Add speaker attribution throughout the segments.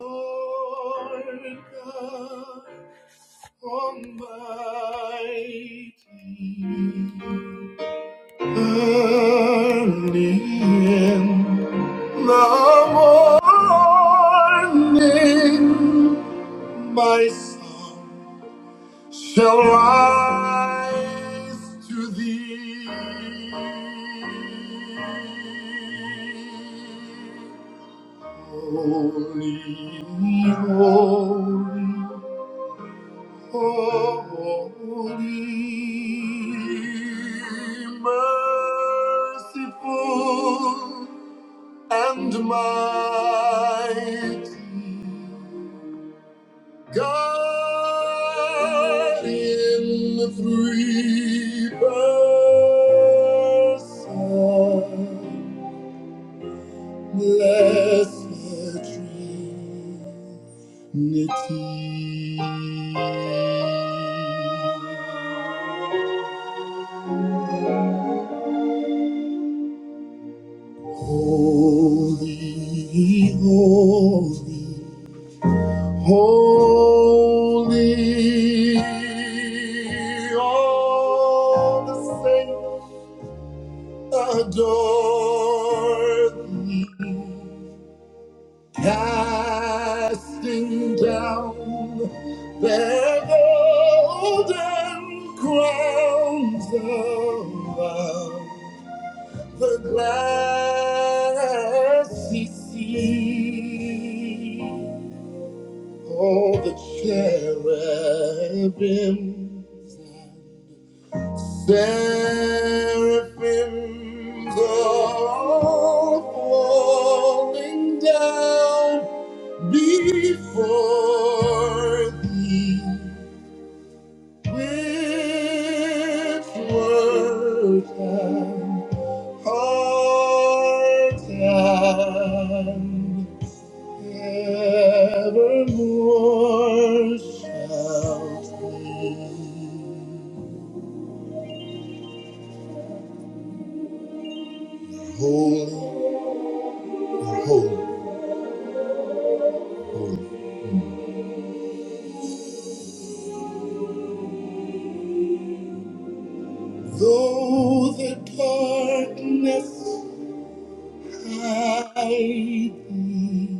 Speaker 1: Lord God Almighty, early in the morning, my soul shall rise to thee. Holy, holy. Holy, merciful, and mighty God in the three persons, blessed Trinity. Holy, holy, holy all the saints adore thee, casting down their golden crowns of love. The glass he sees all the cherubims and seraphims are all falling down before thee, which word can Part and evermore shall be. Holy, holy, holy. Though the darkness hide thee,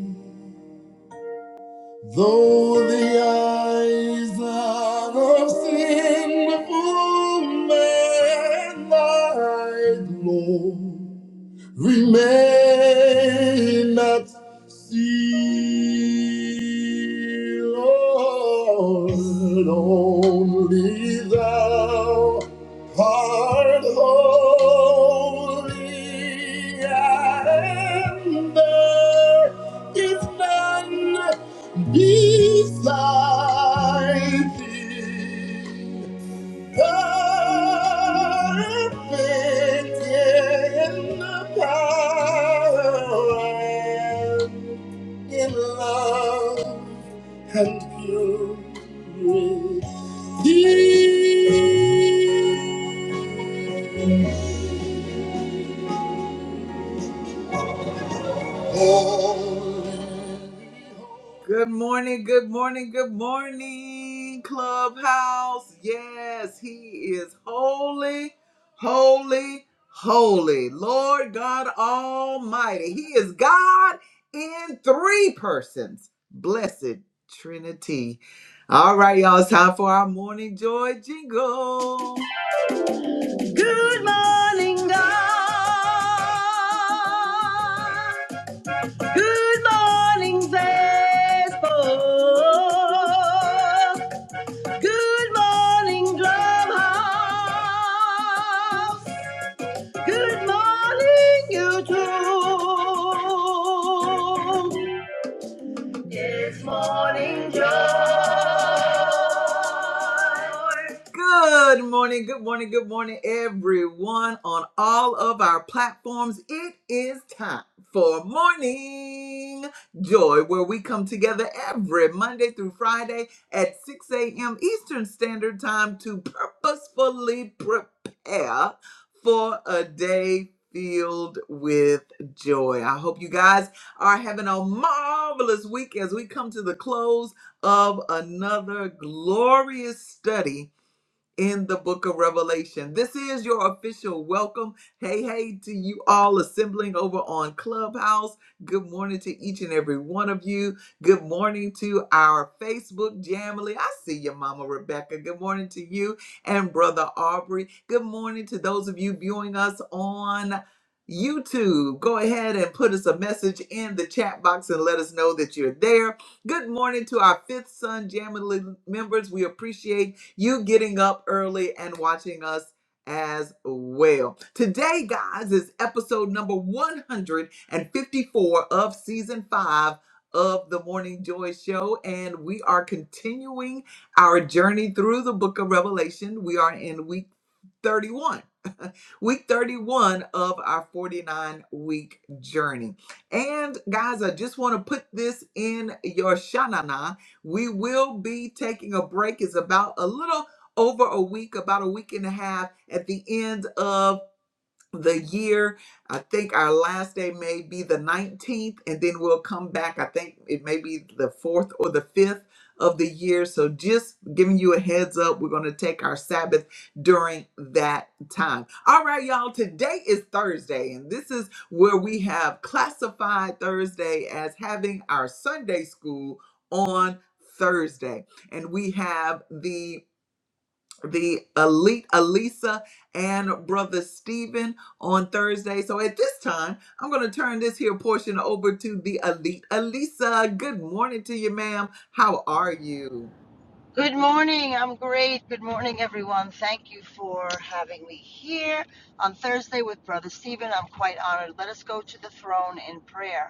Speaker 1: Though the eyes of sinful man lie low, we may not see, Lord, only thou art holy, and there is none beside thee. Perfect in the power, in love and purity. Good morning, good morning, good morning, Clubhouse. Yes, he is holy, holy, holy. Lord God Almighty. He is God in three persons. Blessed Trinity. All right, y'all, it's time for our morning joy jingle. Good morning, God. Good morning, Facebook. Good morning, Clubhouse. Good morning, YouTube. It's morning, Joe. Good morning, good morning, good morning, everyone on all of our platforms. It is time for Morning Joy, where we come together every Monday through Friday at 6 a.m. Eastern Standard Time to purposefully prepare for a day filled with joy. I hope you guys are having a marvelous week as we come to the close of another glorious study in the book of Revelation. This is your official welcome. Hey, hey to you all assembling over on Clubhouse. Good morning to each and every one of you. Good morning to our Facebook Jamily. I see you, Mama Rebecca. Good morning to you and Brother Aubrey. Good morning to those of you viewing us on YouTube. Go ahead and put us a message in the chat box and let us know that you're there. Good morning to our Fifth Son Jamily members. We appreciate you getting up early and watching us as well. Today, guys, is episode number 154 of season five of the Morning Joy Show, and we are continuing our journey through the book of Revelation. We are in week. 31. week 31 of our 49 week journey. And guys, I just want to put this in your shanana. We will be taking a break. It's about a little over a week, about a week and a half at the end of the year. I think our last day may be the 19th, and then we'll come back. I think it may be the fourth or the fifth of the year. So, just giving you a heads up, we're going to take our Sabbath during that time. All right, y'all, today is Thursday, and this is where we have classified Thursday as having our Sunday school on Thursday. And we have the the elite Alisa and brother Stephen on Thursday. So at this time, I'm going to turn this here portion over to the elite Alisa. Good morning to you, ma'am. How are you?
Speaker 2: Good morning. I'm great. Good morning, everyone. Thank you for having me here on Thursday with Brother Stephen. I'm quite honored. Let us go to the throne in prayer.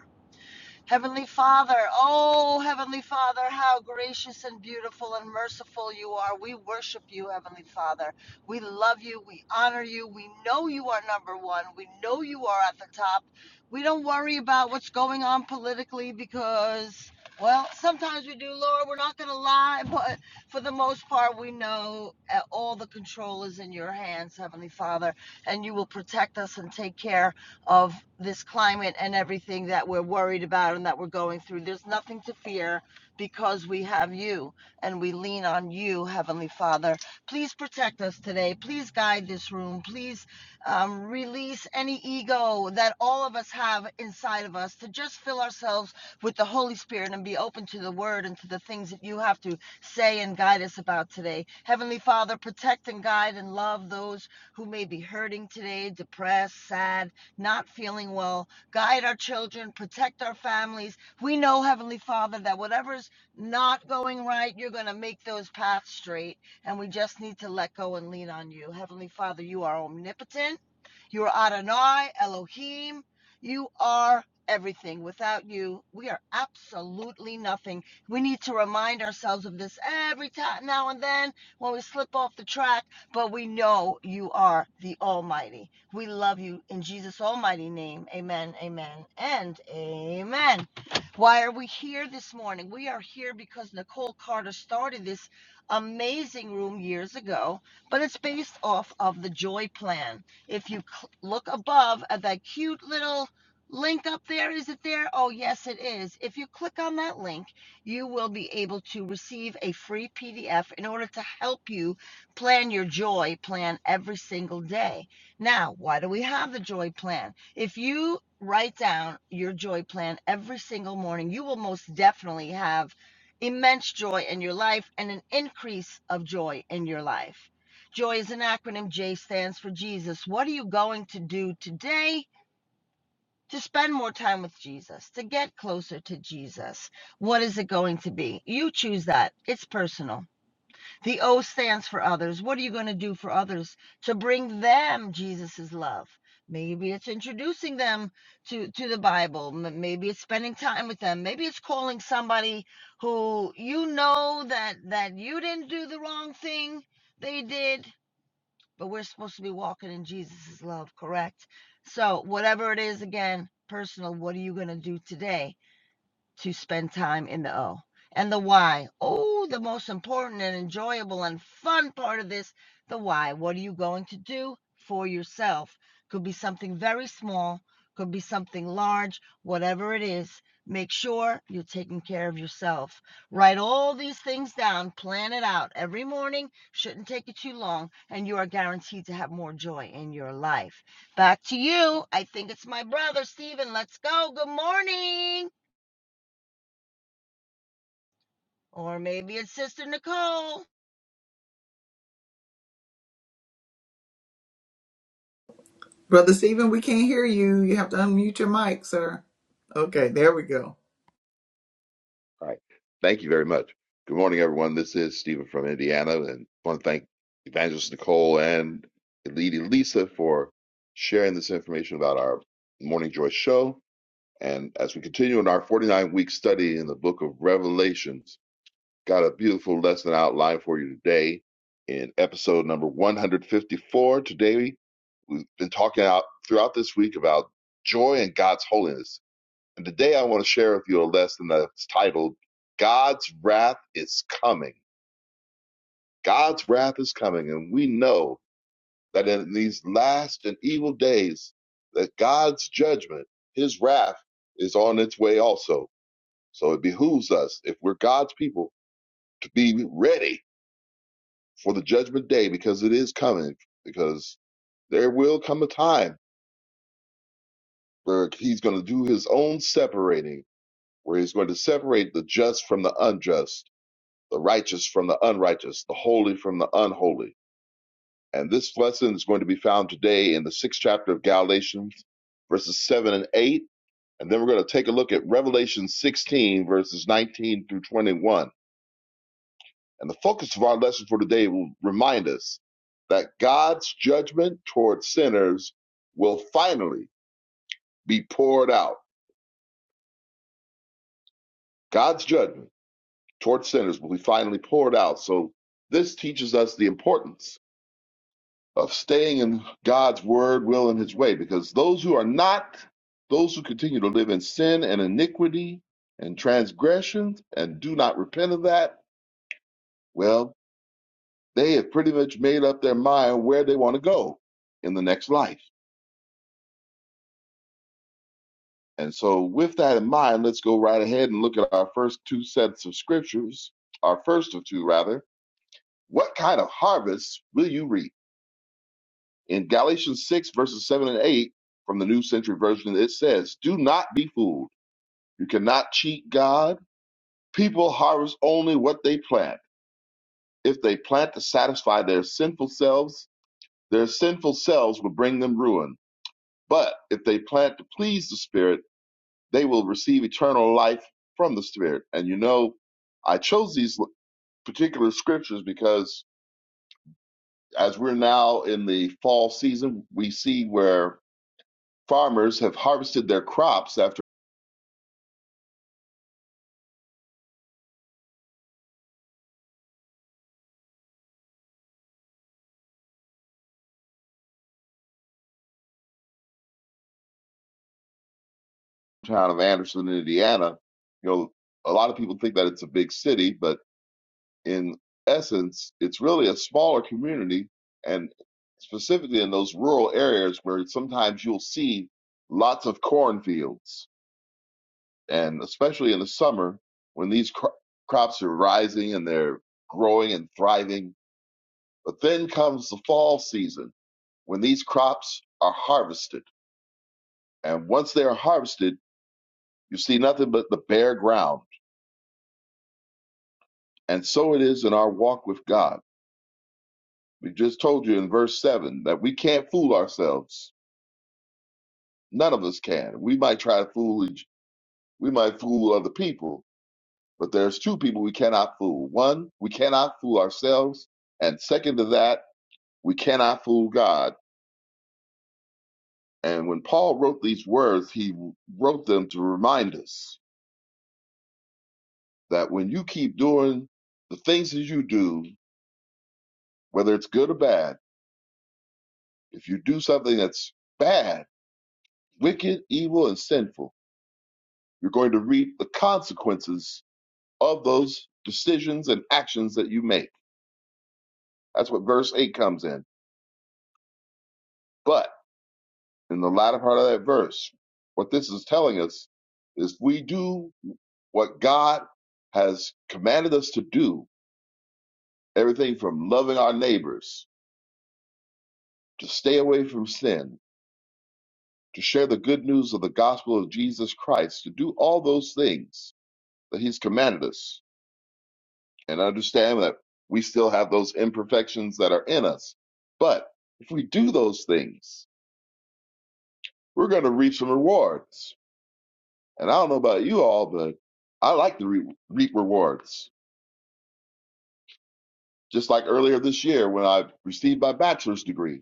Speaker 2: Heavenly Father, oh Heavenly Father, how gracious and beautiful and merciful you are. We worship you, Heavenly Father. We love you. We honor you. We know you are number one. We know you are at the top. We don't worry about what's going on politically because, well, sometimes we do, Lord. We're not going to lie, but for the most part, we know uh, all the control is in your hands, Heavenly Father, and you will protect us and take care of this climate and everything that we're worried about and that we're going through. There's nothing to fear because we have you and we lean on you, Heavenly Father. Please protect us today. Please guide this room. Please um, release any ego that all of us have inside of us to just fill ourselves with the Holy Spirit and be open to the word and to the things that you have to say and guide us about today. Heavenly Father, protect and guide and love those who may be hurting today, depressed, sad not feeling well. Guide our children, protect our families. We know, Heavenly Father, that whatever's not going right, you're going to make those paths straight. And we just need to let go and lean on you. Heavenly Father, you are omnipotent. You are Adonai, Elohim. You are everything. Without you, we are absolutely nothing. We need to remind ourselves of this every time now and then when we slip off the track, but we know you are the Almighty. We love you in Jesus' almighty name. Amen, amen, and amen. Why are we here this morning? We are here because Nicole Carter started this amazing room years ago, but it's based off of the Joy Plan. If you look above at that cute little link up there, is it there? Oh, yes, it is. If you click on that link, you will be able to receive a free PDF in order to help you plan your joy plan every single day. Now, why do we have the joy plan? If you write down your joy plan every single morning, you will most definitely have immense joy in your life and an increase of joy in your life. Joy is an acronym. J stands for Jesus. What are you going to do today to spend more time with Jesus, to get closer to Jesus? What is it going to be? You choose that. It's personal. The O stands for others. What are you going to do for others to bring them Jesus's love? Maybe it's introducing them to, to the Bible. Maybe it's spending time with them. Maybe it's calling somebody who you know that that you didn't do the wrong thing. They did, but we're supposed to be walking in Jesus's love, correct? So whatever it is, again, personal, what are you going to do today? to spend time in the O. And the why. Oh, the most important and enjoyable and fun part of this the why. What are you going to do for yourself? Could be something very small, could be something large, whatever it is. Make sure you're taking care of yourself. Write all these things down, plan it out every morning. Shouldn't take you too long, and you are guaranteed to have more joy in your life. Back to you. I think it's my brother, Steven. Let's go. Good morning. Or maybe it's Sister Nicole.
Speaker 1: Brother Stephen, we can't hear you. You have to unmute your mic, sir. Okay, there we go.
Speaker 3: All right. Thank you very much. Good morning, everyone. This is Stephen from Indiana, and I want to thank Evangelist Nicole and Lady Lisa for sharing this information about our Morning Joy show. And as we continue in our 49 week study in the book of Revelations, got a beautiful lesson outlined for you today in episode number 154. Today, we've been talking out throughout this week about joy and God's holiness and today I want to share with you a lesson that's titled, God's Wrath is Coming. God's wrath is coming. And we know that in these last and evil days, that God's judgment, his wrath, is on its way also. So it behooves us, if we're God's people, to be ready for the judgment day because it is coming, because there will come a time where he's going to do his own separating, where he's going to separate the just from the unjust the righteous from the unrighteous, the holy from the unholy. And this lesson is going to be found today in the sixth chapter of Galatians, verses 7 and 8. And then we're going to take a look at Revelation 16, verses 19 through 21. And the focus of our lesson for today will remind us that God's judgment towards sinners will finally be poured out. God's judgment towards sinners will be finally poured out. So this teaches us the importance of staying in God's word, will, and his way, because those who are not, those who continue to live in sin and iniquity and transgressions and do not repent of that, well, they have pretty much made up their mind where they want to go in the next life. And so, with that in mind, let's go right ahead and look at our first two sets of scriptures, our first of two, rather. What kind of harvest will you reap? In Galatians 6, verses 7 and 8 from the New Century Version, it says, Do not be fooled. You cannot cheat God. People harvest only what they plant. If they plant to satisfy their sinful selves, their sinful selves will bring them ruin. But if they plant to please the Spirit, they will receive eternal life from the Spirit. And you know, I chose these particular scriptures because as we're now in the fall season, we see where farmers have harvested their crops after the town of Anderson, Indiana. You know, a lot of people think that it's a big city, but in essence, it's really a smaller community, and specifically in those rural areas where sometimes you'll see lots of cornfields, and especially in the summer when these cro- crops are rising and they're growing and thriving. But then comes the fall season when these crops are harvested, and once they are harvested, you see nothing but the bare ground. And so it is in our walk with God. We just told you in verse 7 that we can't fool ourselves None of us can. We might try to fool each, we might fool other people, but there's two people we cannot fool. One, we cannot fool ourselves, and second to that, we cannot fool God. And when Paul wrote these words, he wrote them to remind us that when you keep doing the things that you do, whether it's good or bad, if you do something that's bad, wicked, evil, and sinful, you're going to reap the consequences of those decisions and actions that you make That's what verse 8 comes in. But in the latter part of that verse, what this is telling us is we do what God has commanded us to do, everything from loving our neighbors, to stay away from sin, to share the good news of the gospel of Jesus Christ, to do all those things that He's commanded us, and understand that we still have those imperfections that are in us. But if we do those things, we're going to reap some rewards And I don't know about you all, but I like to re- reap rewards. Just like earlier this year when I received my bachelor's degree.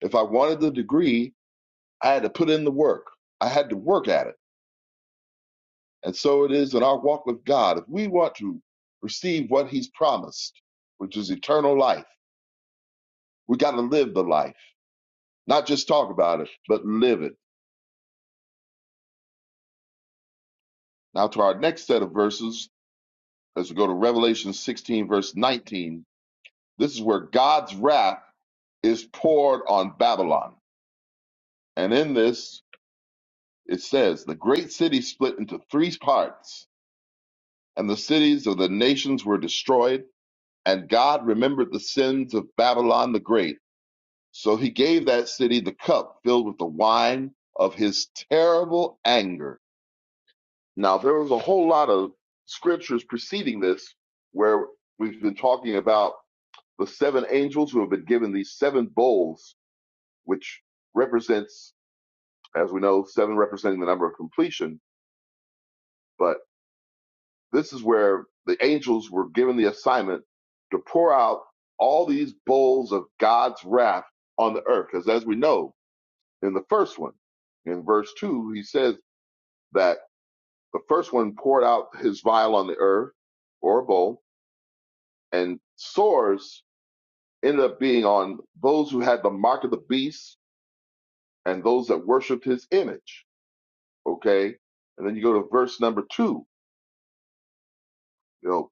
Speaker 3: If I wanted the degree, I had to put in the work, I had to work at it. And so it is in our walk with God. If we want to receive what He's promised, which is eternal life, we got to live the life, not just talk about it, but live it. Now, to our next set of verses, as we go to Revelation 16, verse 19, this is where God's wrath is poured on Babylon. And in this, it says, The great city split into three parts, and the cities of the nations were destroyed. And God remembered the sins of Babylon the Great. So he gave that city the cup filled with the wine of his terrible anger. Now, there was a whole lot of scriptures preceding this where we've been talking about the seven angels who have been given these seven bowls, which represents, as we know, seven representing the number of completion. but This is where the angels were given the assignment to pour out all these bowls of God's wrath on the earth. Because as we know in the first one, in verse 2, he says that the first one poured out his vial on the earth or bowl, and sores ended up being on those who had the mark of the beast and those that worshiped his image. Okay. And then you go to verse number 2. you know.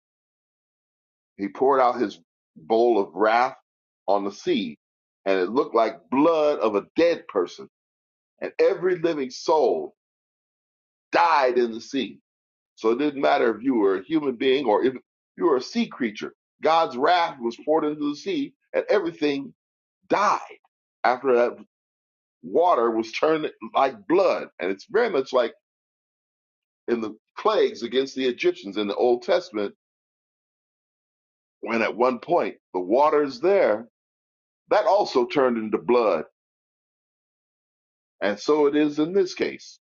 Speaker 3: He poured out his bowl of wrath on the sea, and it looked like blood of a dead person. And every living soul died in the sea. So it didn't matter if you were a human being or if you were a sea creature. God's wrath was poured into the sea, and everything died after that water was turned like blood. And it's very much like in the plagues against the Egyptians in the Old Testament, when at one point the water's there, that also turned into blood And so it is in this case.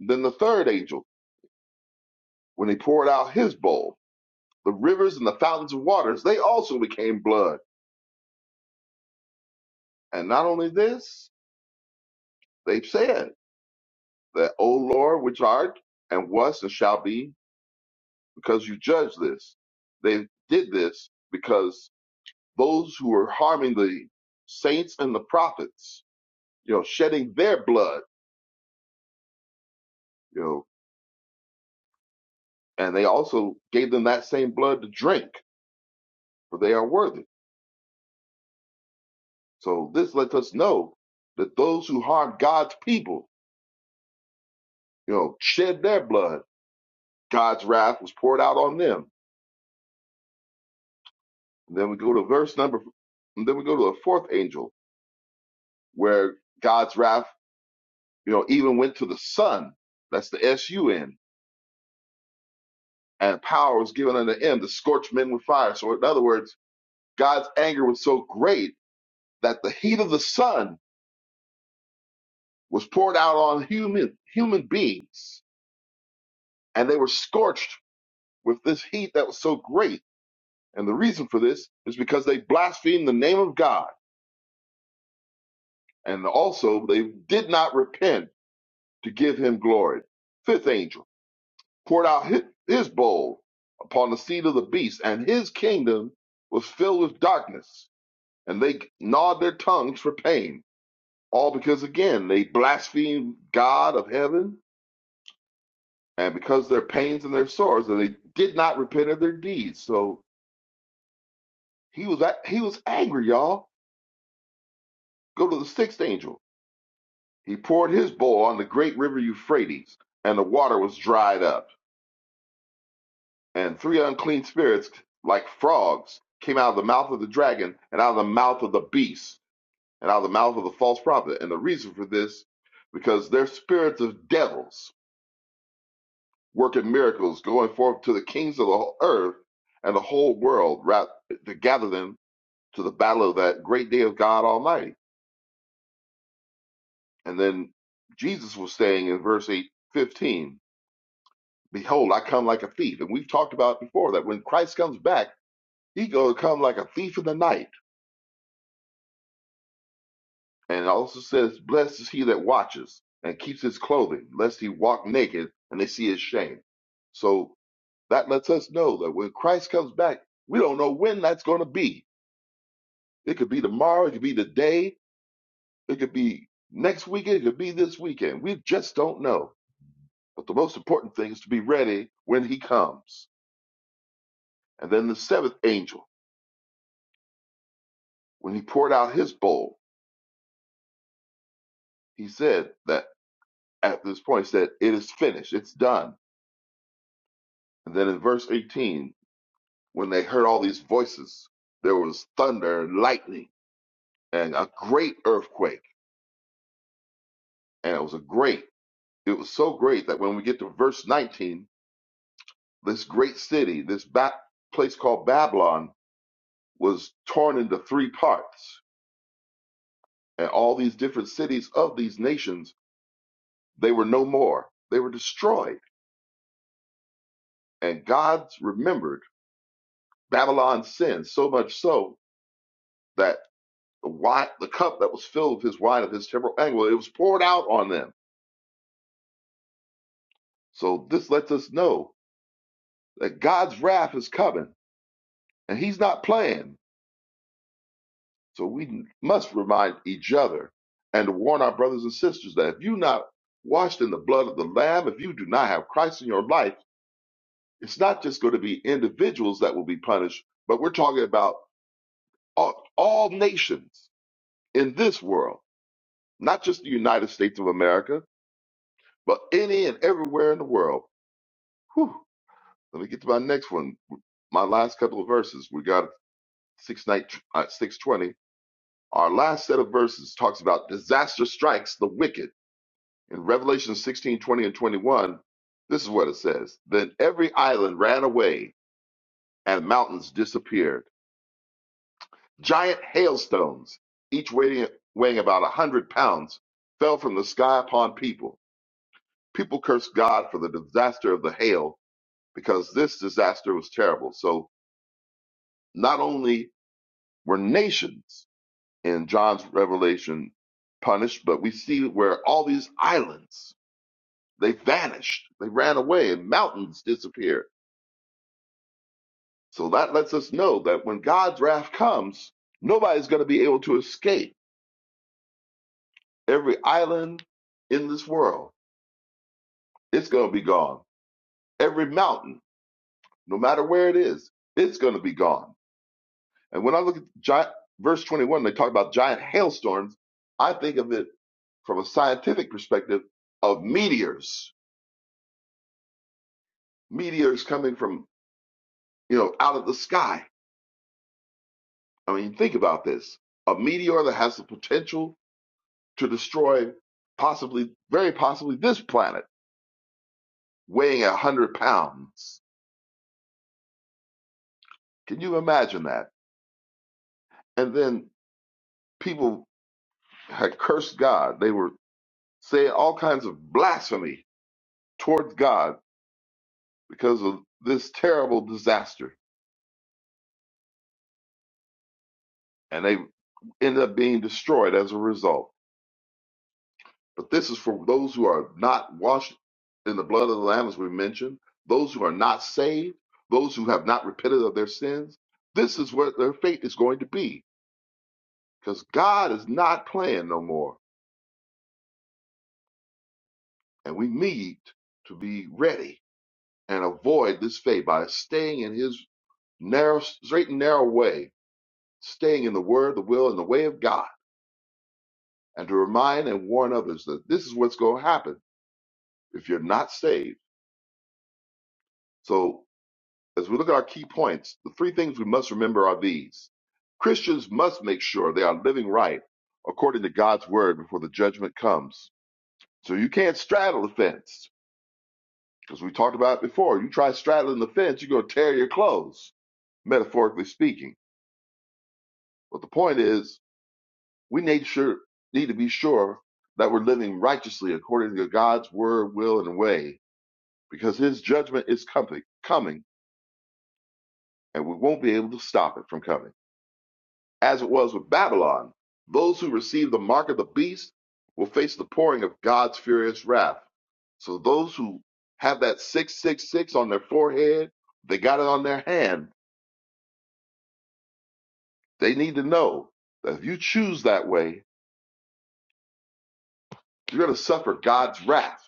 Speaker 3: Then the third angel, when he poured out his bowl, the rivers and the fountains of waters, they also became blood. And not only this, they said that, O Lord, which art and was and shall be, because you judge this. They did this because those who were harming the saints and the prophets, you know, shedding their blood, you know, and they also gave them that same blood to drink, for they are worthy. So this lets us know that those who harmed God's people, you know, shed their blood. God's wrath was poured out on them. And then we go to verse number, and then we go to the fourth angel where God's wrath, you know, even went to the sun. That's the S U N. And power was given unto him to scorch men with fire. So in other words, God's anger was so great that the heat of the sun was poured out on human human beings, and they were scorched with this heat that was so great And the reason for this is because they blasphemed the name of God, and also they did not repent to give him glory. Fifth angel poured out his bowl upon the seat of the beast, and his kingdom was filled with darkness, and they gnawed their tongues for pain. All because, again, they blasphemed God of heaven, and because of their pains and their sorrows, and they did not repent of their deeds. So he was, he was angry, y'all. Go to the sixth angel He poured his bowl on the great river Euphrates, and the water was dried up. And three unclean spirits, like frogs, came out of the mouth of the dragon, and out of the mouth of the beast, and out of the mouth of the false prophet. And the reason for this, because they're spirits of devils working miracles, going forth to the kings of the whole earth and the whole world ra- to gather them to the battle of that great day of God Almighty. And then Jesus was saying in verse 8, 15, Behold, I come like a thief. And we've talked about before that when Christ comes back, he going to come like a thief in the night. And it also says, Blessed is he that watches and keeps his clothing, lest he walk naked and they see his shame. So that lets us know that when Christ comes back, we don't know when that's going to be. It could be tomorrow, it could be today, it could be next weekend, it could be this weekend. We just don't know. But the most important thing is to be ready when he comes. And then the seventh angel, when he poured out his bowl, he said that at this point, he said, It is finished, it's done. And then in verse 18, when they heard all these voices, there was thunder and lightning and a great earthquake. And it was a great, it was so great that when we get to verse 19, this great city, this ba- place called Babylon, was torn into three parts. And all these different cities of these nations, they were no more. They were destroyed. And God remembered Babylon's sin so much so that the wine, the cup that was filled with his wine of his temporal anger, it was poured out on them. So this lets us know that God's wrath is coming, and He's not playing. So we must remind each other and to warn our brothers and sisters that if you're not washed in the blood of the Lamb, if you do not have Christ in your life, it's not just going to be individuals that will be punished, but we're talking about all, all nations in this world, not just the United States of America, but any and everywhere in the world. Whew. Let me get to my next one. My last couple of verses. We got uh, six twenty. Our last set of verses talks about disaster strikes the wicked. In Revelation sixteen twenty and twenty one, this is what it says. Then every island ran away and mountains disappeared. Giant hailstones, each weighing weighing about a hundred pounds, fell from the sky upon people. People cursed God for the disaster of the hail because this disaster was terrible. So not only were nations in John's revelation punished, but we see where all these islands they vanished, they ran away, and mountains disappeared. So that lets us know that when God's wrath comes, nobody's going to be able to escape. Every island in this world, it's going to be gone. Every mountain, no matter where it is, it's going to be gone. And when I look at giant, verse 21, they talk about giant hailstorms. I think of it from a scientific perspective of meteors meteors coming from you know out of the sky. I mean, think about this: a meteor that has the potential to destroy, possibly, very possibly, this planet, weighing a hundred pounds. Can you imagine that? And then people had cursed God. They were saying all kinds of blasphemy towards God because of this terrible disaster, and they ended up being destroyed as a result. But this is for those who are not washed in the blood of the Lamb, as we mentioned, those who are not saved, those who have not repented of their sins. This is what their fate is going to be because God is not playing no more. And we need to be ready and avoid this fate by staying in His narrow, straight and narrow way, staying in the Word, the will, and the way of God, and to remind and warn others that this is what's going to happen if you're not saved. So As we look at our key points, the three things we must remember are these Christians must make sure they are living right according to God's word before the judgment comes. So you can't straddle the fence. Because we talked about it before. You try straddling the fence, you're going to tear your clothes, metaphorically speaking. But the point is, we need, sure, need to be sure that we're living righteously according to God's word, will, and way, because his judgment is coming, coming, and we won't be able to stop it from coming. As it was with Babylon, those who receive the mark of the beast will face the pouring of God's furious wrath. So those who have that 666 on their forehead, they got it on their hand. They need to know that if you choose that way, you're going to suffer God's wrath.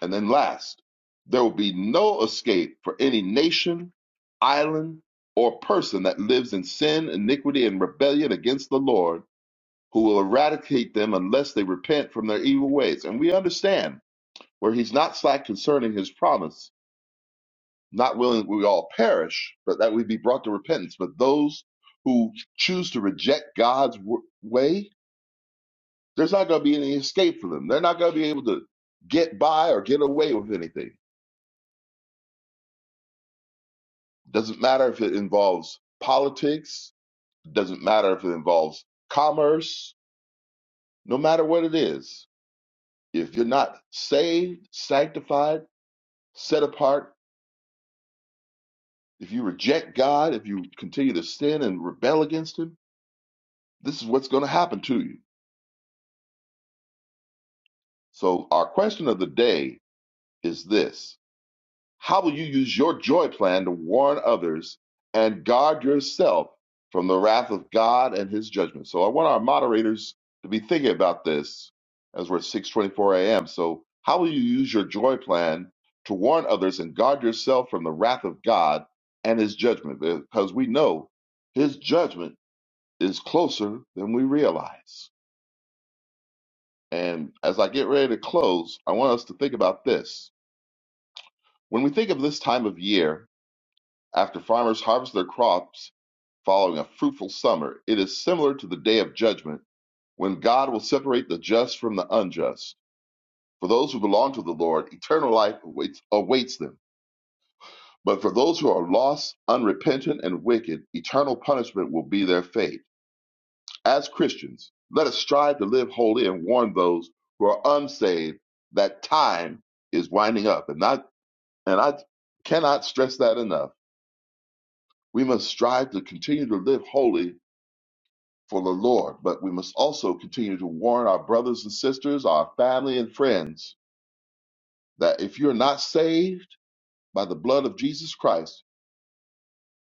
Speaker 3: And then last, there will be no escape for any nation, island, or person that lives in sin, iniquity, and rebellion against the Lord who will eradicate them unless they repent from their evil ways. And we understand where he's not slack concerning his promise, not willing that we all perish, but that we be brought to repentance. But those who choose to reject God's w- way, there's not going to be any escape for them. They're not going to be able to get by or get away with anything. Doesn't matter if it involves politics, doesn't matter if it involves commerce, no matter what it is. If you're not saved, sanctified, set apart, If you reject God, if you continue to sin and rebel against Him, this is what's going to happen to you. So, our question of the day is this How will you use your joy plan to warn others and guard yourself from the wrath of God and His judgment? So, I want our moderators to be thinking about this as we're 6:24 a.m. So, how will you use your joy plan to warn others and guard yourself from the wrath of God and His judgment? Because we know His judgment is closer than we realize. And as I get ready to close, I want us to think about this. When we think of this time of year, after farmers harvest their crops following a fruitful summer, it is similar to the day of judgment when God will separate the just from the unjust. For those who belong to the Lord, eternal life awaits, awaits them. But for those who are lost, unrepentant, and wicked, eternal punishment will be their fate. As Christians, let us strive to live holy and warn those who are unsaved that time is winding up. And I, and I cannot stress that enough. We must strive to continue to live holy for the Lord, but we must also continue to warn our brothers and sisters, our family and friends, that if you're not saved by the blood of Jesus Christ,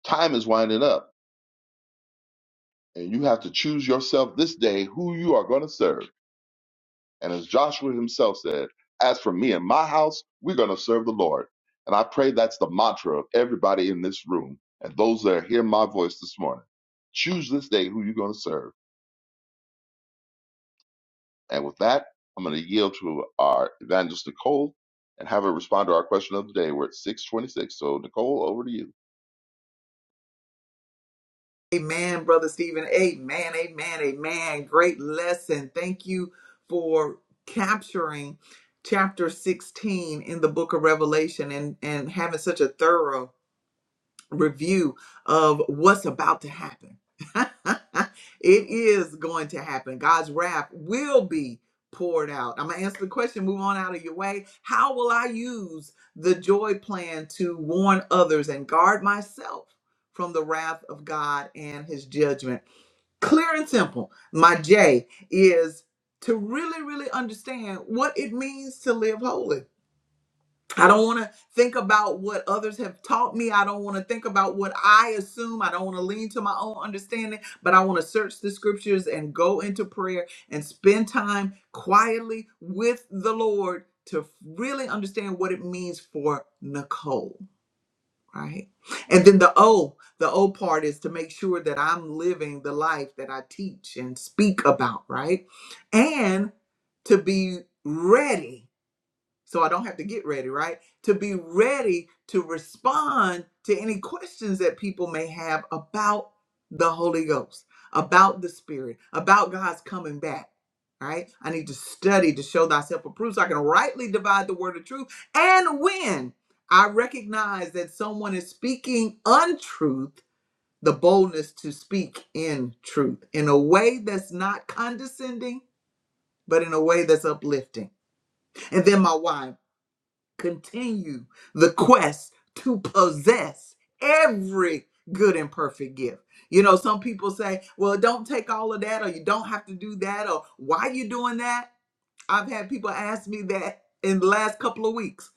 Speaker 3: time is winding up. And you have to choose yourself this day who you are going to serve And as Joshua himself said, as for me and my house, we're going to serve the Lord. And I pray that's the mantra of everybody in this room and those that are hearing my voice this morning. Choose this day who you're going to serve. And with that, I'm going to yield to our evangelist, Nicole, and have her respond to our question of the day. We're at 626. So, Nicole, over to you.
Speaker 1: Amen, brother Stephen. Amen, amen, amen. Great lesson. Thank you for capturing chapter 16 in the book of Revelation and and having such a thorough review of what's about to happen. it is going to happen. God's wrath will be poured out. I'm going to answer the question, move on out of your way. How will I use the joy plan to warn others and guard myself from the wrath of God and his judgment? Clear and simple. My J is to really, really understand what it means to live holy I don't want to think about what others have taught me. I don't want to think about what I assume. I don't want to lean to my own understanding, but I want to search the scriptures and go into prayer and spend time quietly with the Lord to really understand what it means for Nicole, right? And then the O, the O part is to make sure that I'm living the life that I teach and speak about, right? And to be ready so I don't have to get ready, right? To be ready to respond to any questions that people may have about the Holy Ghost, about the Spirit, about God's coming back. right? I need to study to show thyself approved so I can rightly divide the word of truth. And when I recognize that someone is speaking untruth, the boldness to speak in truth in a way that's not condescending, but in a way that's uplifting. And then my why continue the quest to possess every good and perfect gift. You know, some people say, well, don't take all of that, or you don't have to do that, or why are you doing that? I've had people ask me that in the last couple of weeks.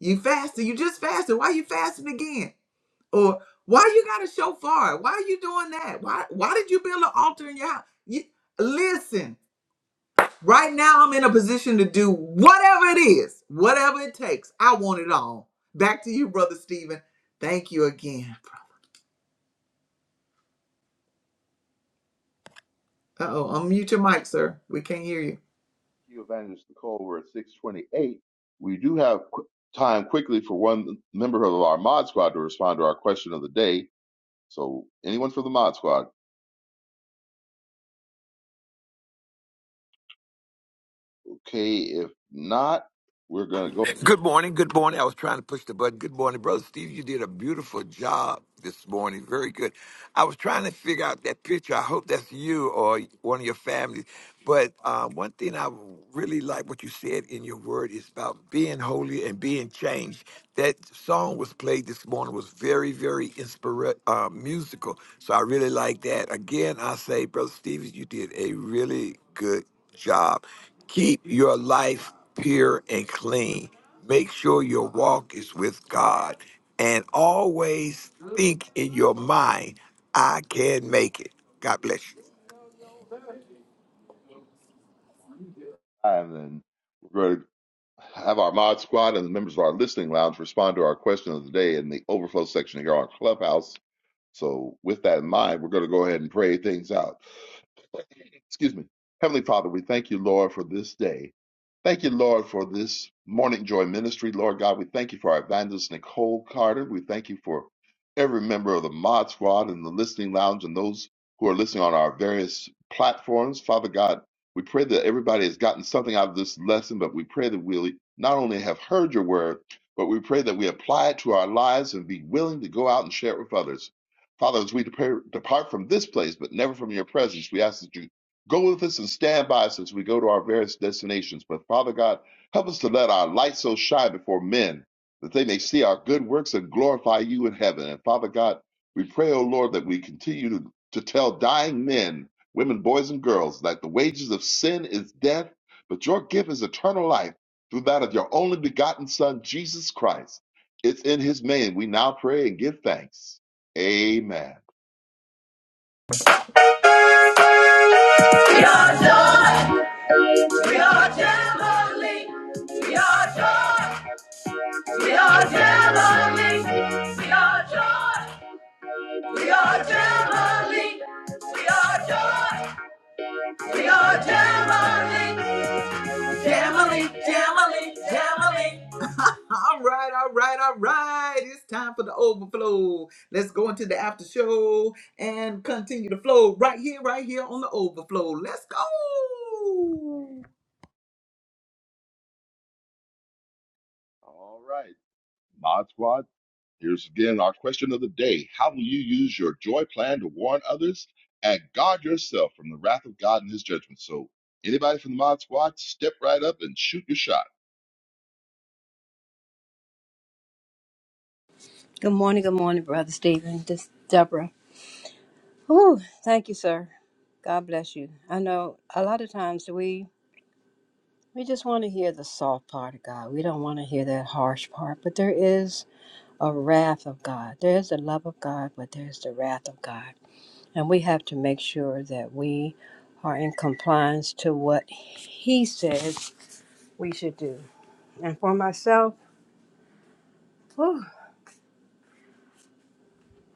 Speaker 1: You fasted, you just fasted. Why are you fasting again? Or why you got a shofar? Why are you doing that? Why why did you build an altar in your house? You, listen, Right now, I'm in a position to do whatever it is, whatever it takes. I want it all. Back to you, Brother Stephen. Thank you again. Uh oh, unmute your mic, sir. We can't hear you.
Speaker 3: Thank you, Evangelist Nicole. We're at 628. We do have qu- time quickly for one member of our mod squad to respond to our question of the day. So, anyone from the mod squad? Okay, if not, we're going to go
Speaker 4: Good morning. Good morning. I was trying to push the button. Good morning, brother Steve. You did a beautiful job this morning. Very good. I was trying to figure out that picture. I hope that's you or one of your families. But uh, one thing I really like what you said in your word is about being holy and being changed. That song was played this morning was very, very inspira- uh, musical. So I really like that. Again, I say, brother Stevens, you did a really good job. Keep your life pure and clean. Make sure your walk is with God and always think in your mind, I can make it. God bless you.
Speaker 3: live and we're going to have our mod squad and the members of our listening lounge respond to our question of the day in the overflow section here on Clubhouse. So, with that in mind, we're going to go ahead and pray things out. Excuse me. Heavenly Father, we thank you, Lord, for this day. Thank you, Lord, for this Morning Joy Ministry. Lord God, we thank you for our evangelist, Nicole Carter. We thank you for every member of the Mod Squad and the Listening Lounge and those who are listening on our various platforms. Father God, we pray that everybody has gotten something out of this lesson, but we pray that we not only have heard your word, but we pray that we apply it to our lives and be willing to go out and share it with others. Father, as we depar- depart from this place, but never from your presence, we ask that you go with us and stand by us as we go to our various destinations. But Father God, help us to let our light so shine before men that they may see our good works and glorify you in heaven. And Father God, we pray, O Lord, that we continue to, to tell dying men, women, boys, and girls that the wages of sin is death, but your gift is eternal life through that of your only begotten Son, Jesus Christ. It's in his name we now pray and give thanks. Amen.
Speaker 1: We are joy. We are family. We are joy. We are family. We are joy. We are family. We are joy. We are jubilee. Jubilee, jubilee, jubilee. All right, all right, all right. It's time for the overflow. Let's go into the after show and continue the flow right here, right here on the overflow. Let's go.
Speaker 3: All right. Mod Squad, here's again our question of the day. How will you use your joy plan to warn others and guard yourself from the wrath of God and his judgment? So, anybody from the Mod Squad, step right up and shoot your shot.
Speaker 5: Good morning, good morning, Brother Stephen. This Deborah. Whew, thank you, sir. God bless you. I know a lot of times we we just want to hear the soft part of God. We don't want to hear that harsh part, but there is a wrath of God. There is the love of God, but there's the wrath of God. And we have to make sure that we are in compliance to what he says we should do. And for myself, whew,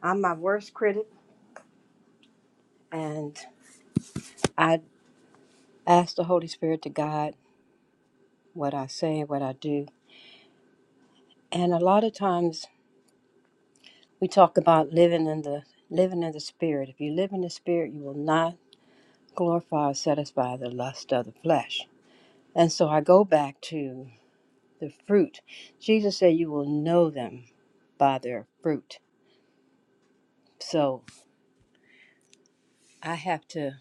Speaker 5: I'm my worst critic and I ask the Holy Spirit to guide what I say, what I do. And a lot of times we talk about living in the living in the spirit. If you live in the spirit, you will not glorify or satisfy the lust of the flesh. And so I go back to the fruit. Jesus said you will know them by their fruit. So I have to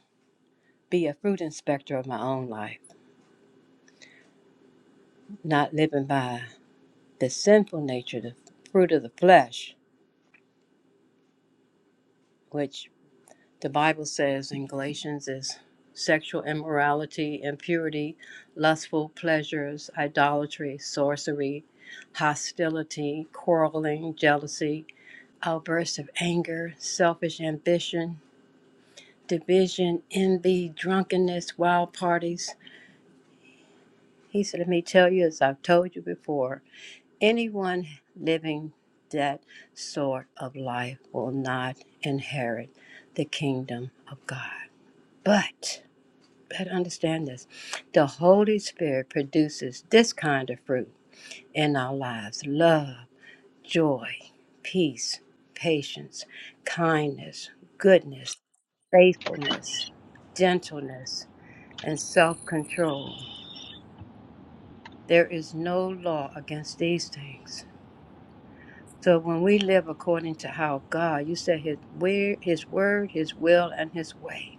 Speaker 5: be a fruit inspector of my own life, not living by the sinful nature, the fruit of the flesh, which The Bible says in Galatians is sexual immorality, impurity, lustful pleasures, idolatry, sorcery, hostility, quarreling, jealousy, outbursts of anger, selfish ambition, division, envy, drunkenness, wild parties. He said, Let me tell you, as I've told you before, anyone living that sort of life will not inherit the kingdom of God. But better understand this. The Holy Spirit produces this kind of fruit in our lives love, joy, peace, patience, kindness, goodness, faithfulness, gentleness, and self control. There is no law against these things. So when we live according to how God, you said his where his word, his will, and his way,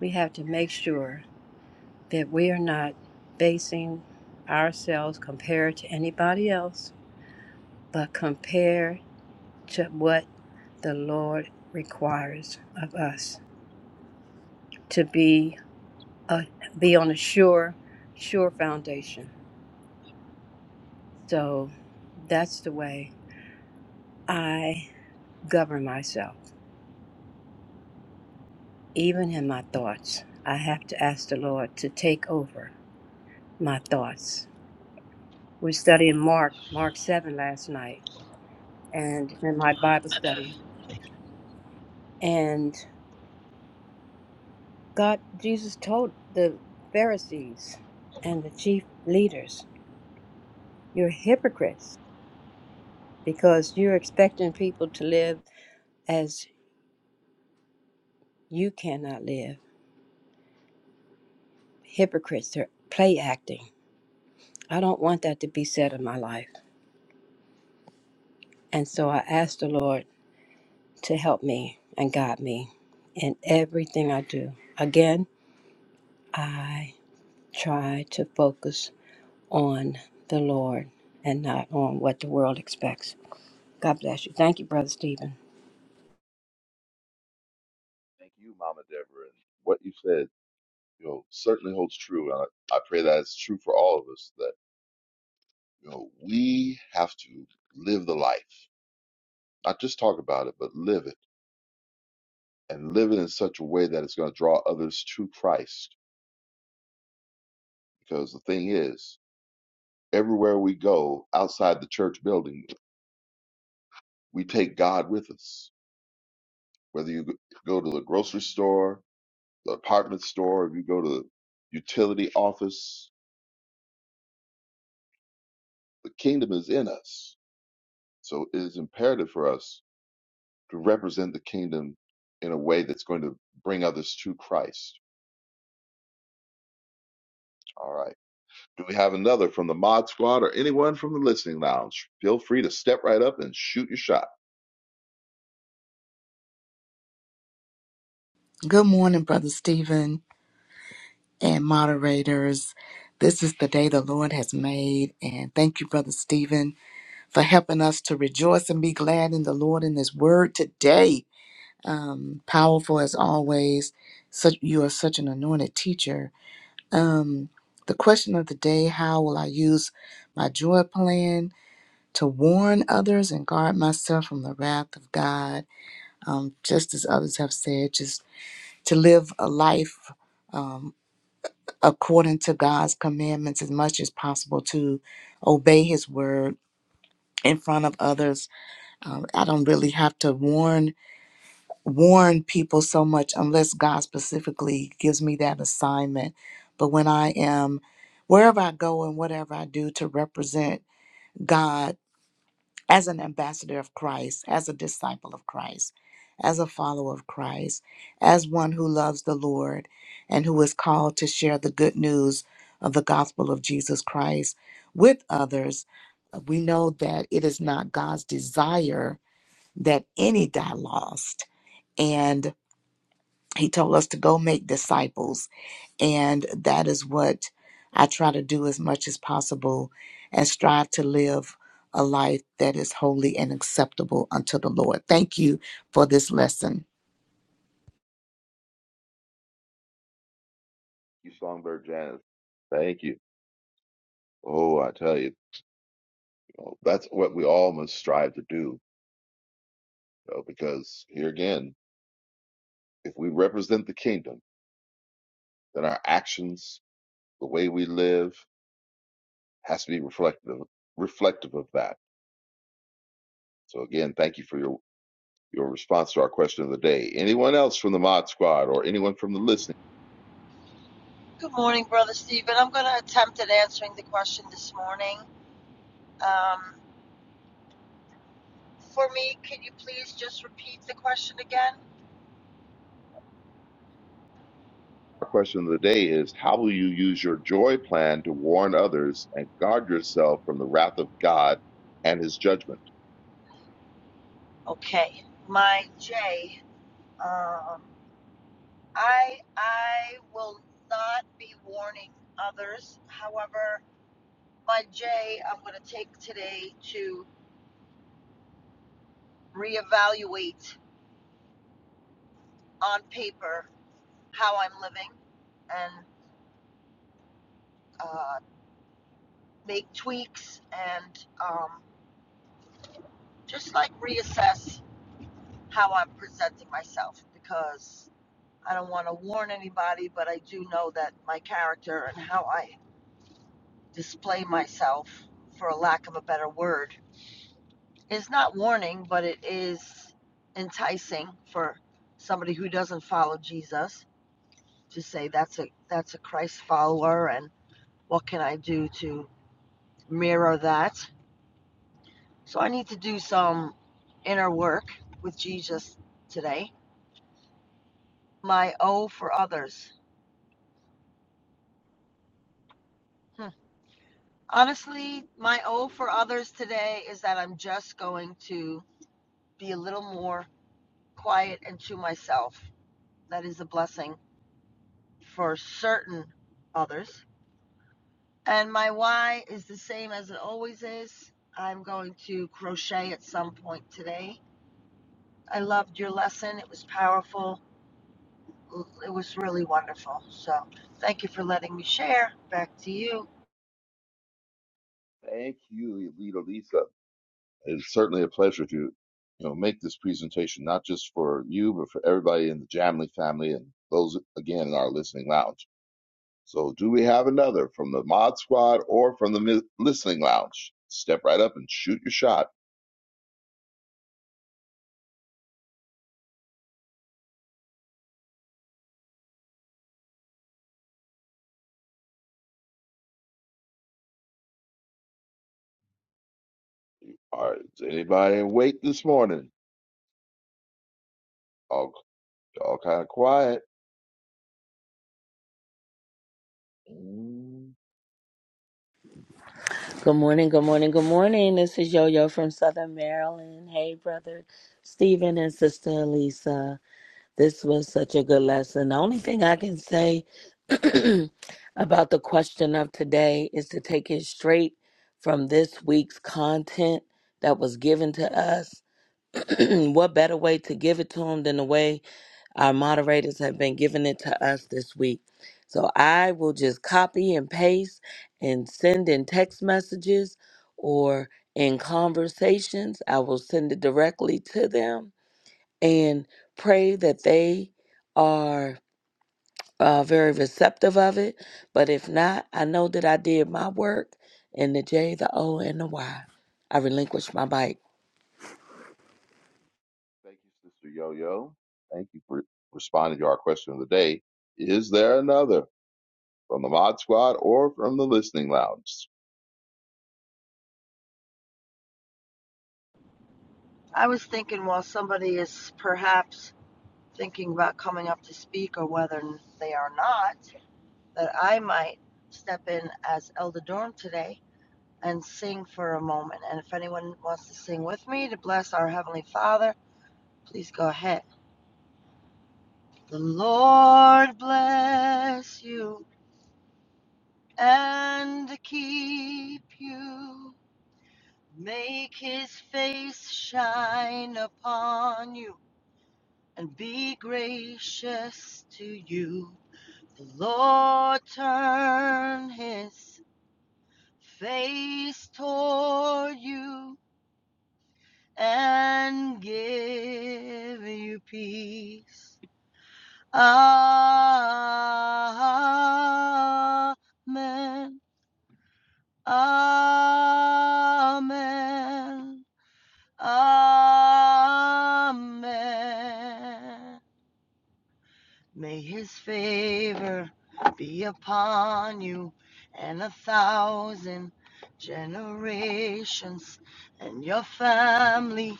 Speaker 5: we have to make sure that we are not basing ourselves compared to anybody else, but compared to what the Lord requires of us to be a, be on a sure, sure foundation. So that's the way I govern myself, even in my thoughts. I have to ask the Lord to take over my thoughts. We studied Mark, Mark 7 last night, and in my Bible study. and. God, Jesus told the Pharisees and the chief leaders, You're hypocrites because you're expecting people to live as you cannot live. Hypocrites, they're play acting. I don't want that to be said in my life. And so I ask the Lord to help me and guide me in everything I do. Again, I try to focus on the Lord and not on what the world expects. God bless you. Thank you, Brother Stephen.
Speaker 3: Thank you, Mama Deborah. And what you said, you know, certainly holds true. And I, I pray that it's true for all of us that, you know, we have to live the life, not just talk about it, but live it and live it in such a way that it's going to draw others to Christ. Because the thing is, everywhere we go outside the church building, we take God with us. Whether you go to the grocery store, the apartment store, if you go to the utility office, the kingdom is in us. So it is imperative for us to represent the kingdom in a way that's going to bring others to Christ. All right. Do we have another from the mod squad or anyone from the listening lounge? Feel free to step right up and shoot your shot.
Speaker 6: Good morning, Brother Stephen and moderators. This is the day the Lord has made. And thank you, Brother Stephen, for helping us to rejoice and be glad in the Lord in His word today. Um, powerful as always. Such you are such an anointed teacher. Um, the question of the day, how will I use my joy plan to warn others and guard myself from the wrath of God? Um, just as others have said, just to live a life. Um, according to God's commandments as much as possible to obey his word in front of others. Um, I don't really have to warn warn people so much unless God specifically gives me that assignment. But when I am wherever I go and whatever I do to represent God as an ambassador of Christ, as a disciple of Christ, as a follower of Christ, as one who loves the Lord and who is called to share the good news of the gospel of Jesus Christ with others, uh, we know that it is not God's desire that any die lost. And he told us to go make disciples and that is what I try to do as much as possible and strive to live a life that is holy and acceptable unto the Lord. Thank you for this lesson.
Speaker 3: You songbird Janice. Thank you. Oh, I tell you. Well, that's what we all must strive to do, you know, because here again, if we represent the kingdom, then our actions, the way we live, has to be reflective reflective of that. So again, thank you for your your response to our question of the day. Anyone else from the Mod Squad or anyone from the listening?
Speaker 2: Good morning, Brother Stephen. I'm going to attempt at answering the question this morning. Um, for me, can you please just repeat the question again?
Speaker 3: Our question of the day is: How will you use your joy plan to warn others and guard yourself from the wrath of God and His judgment?
Speaker 2: Okay, my J. Um, I I will not be warning others. However, my J, I'm going to take today to reevaluate on paper how I'm living and uh, make tweaks and. um, just like reassess how I'm presenting myself because I don't want to warn anybody, but I do know that my character and how I display myself, for a lack of a better word, is not warning, but it is enticing for somebody who doesn't follow Jesus to say that's a that's a Christ follower and what can I do to mirror that? So I need to do some inner work with Jesus today My O for others. Hmm. Honestly, my O for others today is that I'm just going to be a little more quiet and to myself. That is a blessing for certain others. And my Y is the same as it always is. I'm going to crochet at some point today. I loved your lesson. It was powerful. It was really wonderful. So thank you for letting me share. Back to you.
Speaker 3: Thank you, Lita Lisa. It's certainly a pleasure to you know make this presentation not just for you but for everybody in the Jamley family and those again in our listening lounge. So, do we have another from the Mod Squad or from the mi- listening lounge? Step right up and shoot your shot. All right, is anybody awake this morning? All all kind of quiet. Mm.
Speaker 7: Good morning, good morning, good morning. This is Yo Yo from Southern Maryland. Hey, brother Stephen and sister Elisa. This was such a good lesson. The only thing I can say about the question of today is to take it straight from this week's content that was given to us. what better way to give it to them than the way? Our moderators have been giving it to us this week. So I will just copy and paste and send in text messages or in conversations. I will send it directly to them and pray that they are uh, very receptive of it. But if not, I know that I did my work in the J, the O, and the Y. I relinquished my bike.
Speaker 3: Thank you, Sister Yo Yo. Thank you for responding to our question of the day. Is there another from the Mod Squad or from the listening lounge?
Speaker 2: I was thinking while somebody is perhaps thinking about coming up to speak or whether they are not, that I might step in as Elder Dorm today and sing for a moment. And if anyone wants to sing with me to bless our Heavenly Father, please go ahead. The Lord bless you and keep you. Make his face shine upon you and be gracious to you. The Lord turn his face toward you and give you peace. Amen. Amen. Amen. May his favor be upon you and a thousand generations and your family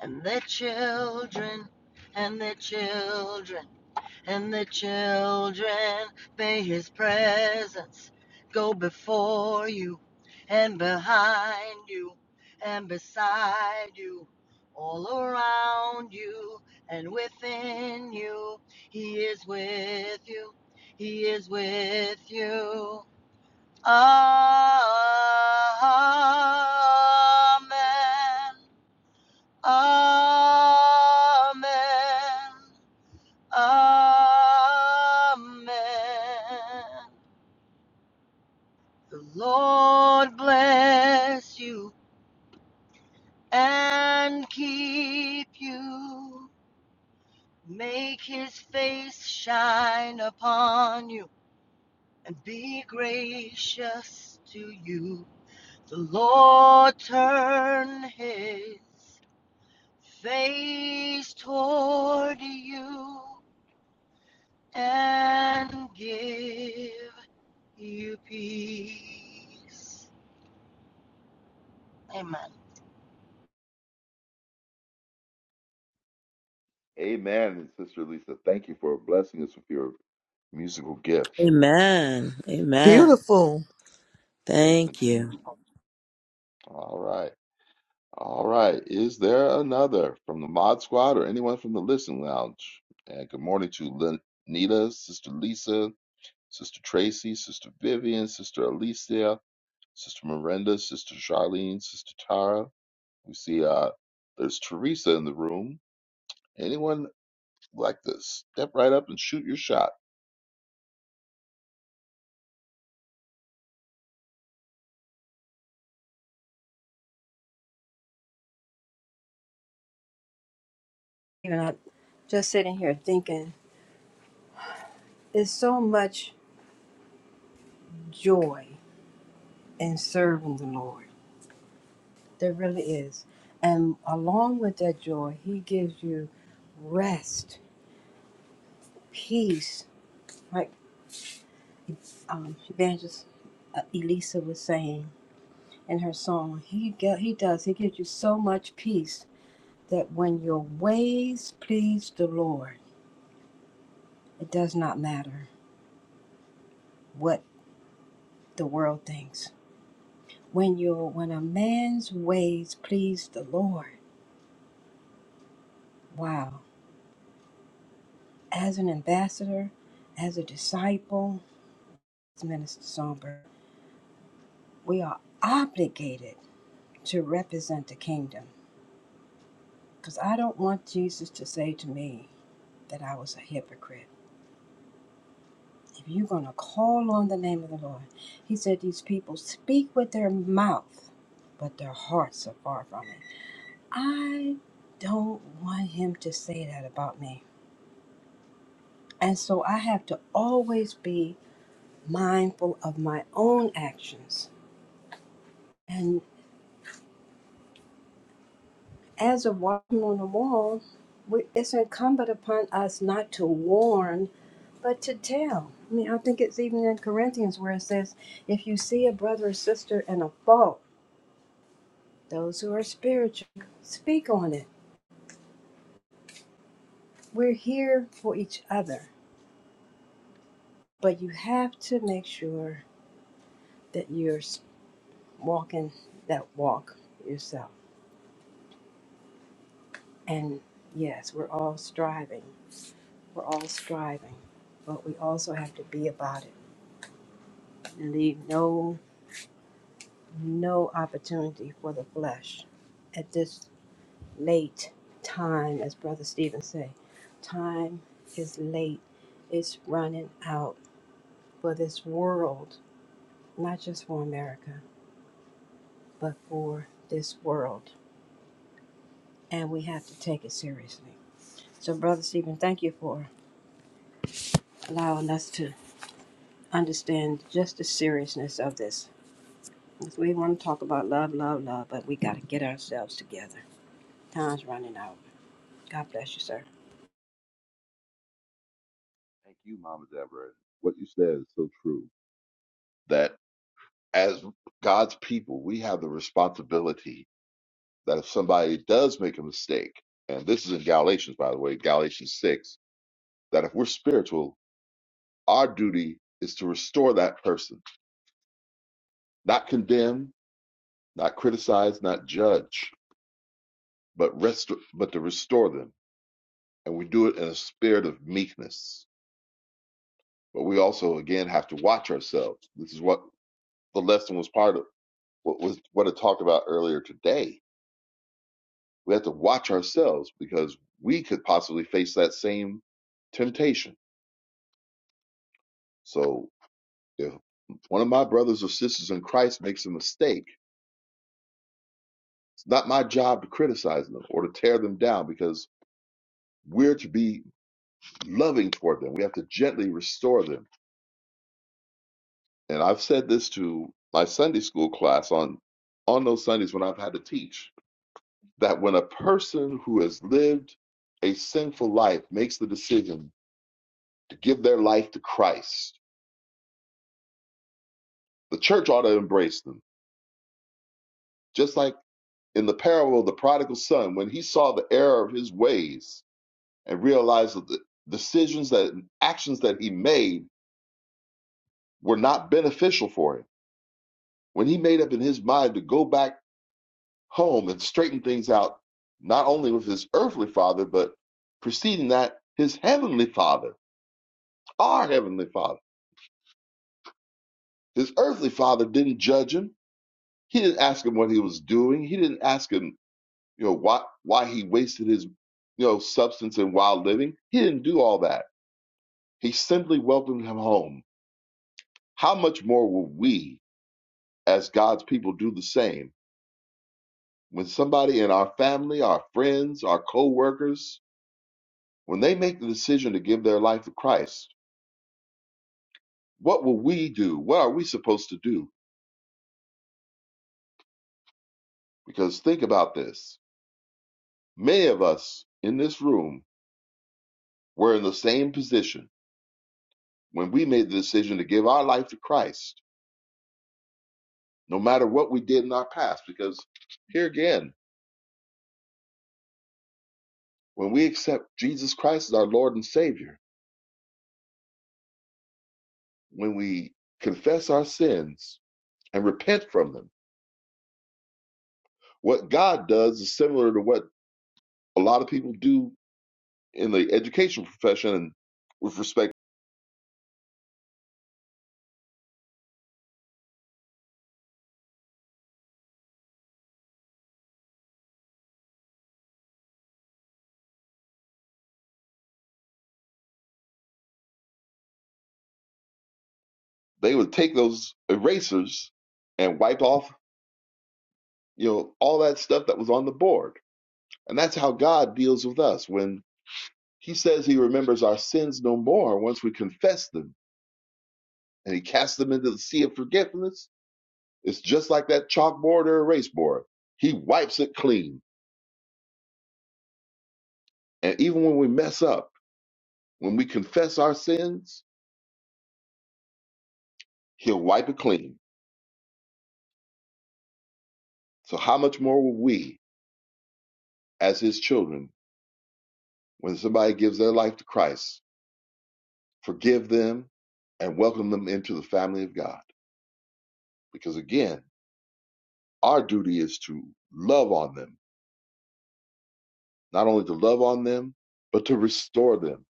Speaker 2: and their children and their children and the children may his presence go before you and behind you and beside you all around you and within you he is with you he is with you amen amen Amen. The Lord bless you and keep you. Make his face shine upon you and be gracious to you. The Lord turn his face toward you and give you peace. Amen.
Speaker 3: Amen, Sister Lisa. Thank you for blessing us with your musical gift.
Speaker 7: Amen. Amen.
Speaker 6: Beautiful.
Speaker 3: Yes,
Speaker 7: Thank you.
Speaker 3: indeed. All right. All right. Is there another from the Mod Squad or anyone from the Listen Lounge? And good morning to Nita, Sister Lisa, Sister Tracy, Sister Vivian, Sister Alicia, Sister Miranda, Sister Charlene, Sister Tara. We see uh, there's Teresa in the room. Anyone like to step right up and shoot your shot?
Speaker 5: you know, just sitting here thinking, there's so much joy in serving the Lord. There really is. And along with that joy, He gives you rest, peace. Like um, Evangelist uh, Elisa was saying in her song, he, ge- he does, He gives you so much peace that when your ways please the Lord, it does not matter what the world thinks. When, your when a man's ways please the Lord, Wow. As an ambassador, as a disciple, as Minister Songbird, we are obligated to represent the kingdom. Because I don't want Jesus to say to me that I was a hypocrite. If you're going to call on the name of the Lord, he said these people speak with their mouth, but their hearts are far from it. I don't want him to say that about me. And so I have to always be mindful of my own actions. and. as a walking on the wall, we- it's incumbent upon us not to warn, but to tell. I mean, I think it's even in Corinthians where it says, if you see a brother or sister in a fault, those who are spiritual, speak on it. We're here for each other, but you have to make sure that you're walking that walk yourself. And yes, we're all striving. We're all striving, but we also have to be about it and leave no no opportunity for the flesh at this late time, as Brother Stephen say. Time is late. It's running out for this world, not just for America, but for this world. And we have to take it seriously. So, Brother Stephen, thank you for allowing us to understand just the seriousness of this. We want to talk about love, love, love, but we got to get ourselves together. Time's running out. God bless you, sir.
Speaker 3: Thank you, Mama Deborah. What you said is so true. that as God's people, we have the responsibility that if somebody does make a mistake, and this is in Galatians, by the way, Galatians 6, that if we're spiritual, our duty is to restore that person, not condemn, not criticize, not judge, but rest, but to restore them. And we do it in a spirit of meekness. But we also, again, have to watch ourselves. This is what the lesson was part of, what was what I talked about earlier today We have to watch ourselves because we could possibly face that same temptation. So if one of my brothers or sisters in Christ makes a mistake, it's not my job to criticize them or to tear them down because we're to be loving toward them. We have to gently restore them. And I've said this to my Sunday school class on on those Sundays when I've had to teach that when a person who has lived a sinful life makes the decision to give their life to Christ, The church ought to embrace them. Just like in the parable of the prodigal son, when he saw the error of his ways and realized that the decisions that actions that he made were not beneficial for him, when he made up in his mind to go back home and straighten things out, not only with his earthly father, but preceding that, his heavenly father, our heavenly father. His earthly father didn't judge him. He didn't ask him what he was doing. He didn't ask him you know why why he wasted his you know substance and wild living he didn't do all that he simply welcomed him home how much more will we as god's people do the same when somebody in our family our friends our co-workers when they make the decision to give their life to christ what will we do what are we supposed to do because think about this many of us in this room were in the same position when we made the decision to give our life to christ no matter what we did in our past. Because here again, when we accept Jesus Christ as our Lord and Savior, when we confess our sins and repent from them, what God does is similar to what a lot of people do in the education profession and with respect they would take those erasers and wipe off you know all that stuff that was on the board and that's how god deals with us when he says he remembers our sins no more once we confess them and he casts them into the sea of forgiveness It's just like that chalkboard or erase board. He wipes it clean. And even when we mess up, when we confess our sins, he'll wipe it clean. So how much more will we, as his children, when somebody gives their life to Christ, forgive them and welcome them into the family of God? Because again, our duty is to love on them, not only to love on them, but to restore them.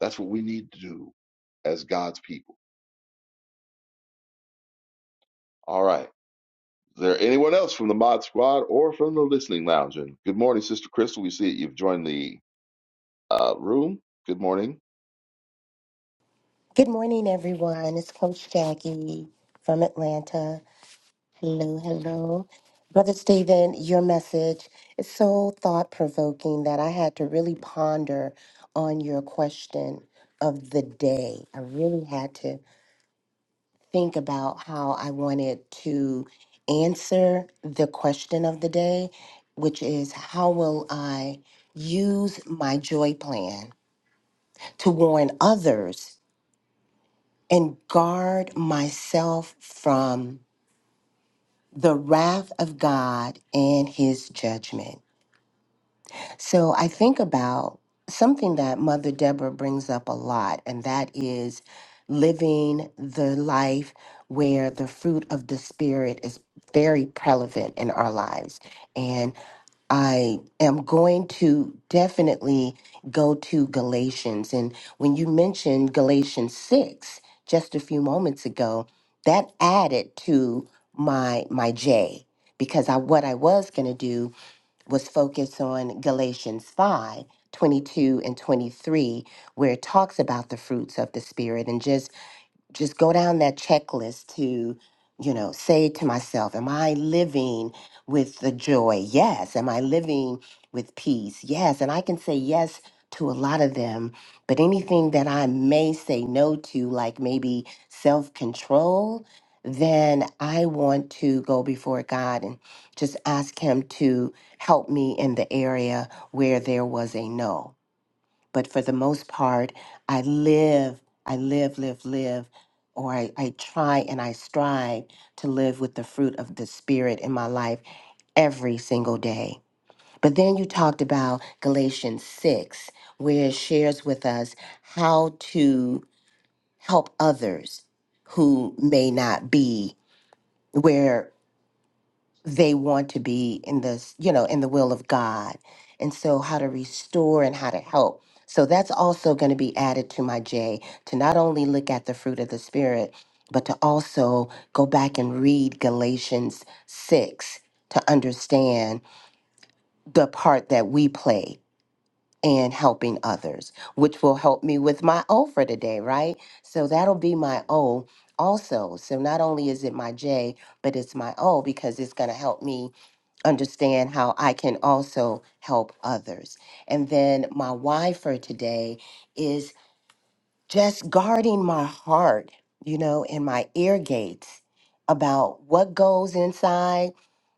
Speaker 3: That's what we need to do as God's people. All right. Is there anyone else from the Mod Squad or from the Listening Lounge? And good morning, Sister Crystal. We see that you've joined the uh, room. Good morning.
Speaker 8: Good morning, everyone. It's Coach Jackie from Atlanta. Hello, hello. Brother Stephen, your message is so thought provoking that I had to really ponder on your question of the day. I really had to think about how I wanted to answer the question of the day, which is how will I use my joy plan to warn others and guard myself from the wrath of God and his judgment. So I think about something that Mother Deborah brings up a lot, and that is living the life where the fruit of the Spirit is very prevalent in our lives. and. I am going to definitely go to Galatians. And when you mentioned Galatians 6 just a few moments ago, that added to my my J because I what I was going to do was focus on Galatians 5, 22 and 23 where it talks about the fruits of the spirit and just just go down that checklist to you know say to myself am i living with the joy yes am i living with peace yes and i can say yes to a lot of them but anything that i may say no to like maybe self-control then i want to go before god and just ask him to help me in the area where there was a no but for the most part i live i live live live or I, I try and i strive to live with the fruit of the spirit in my life every single day but then you talked about galatians 6 where it shares with us how to help others who may not be where they want to be in this, you know, in the will of God. And so how to restore and how to help. So that's also going to be added to my J to not only look at the fruit of the spirit, but to also go back and read Galatians 6 to understand the part that we play in helping others, which will help me with my O for today, right? So that'll be my O also. So not only is it my J, but it's my O because it's going to help me understand how I can also help others. And then my why for today is just guarding my heart, you know, and my ear gates about what goes inside,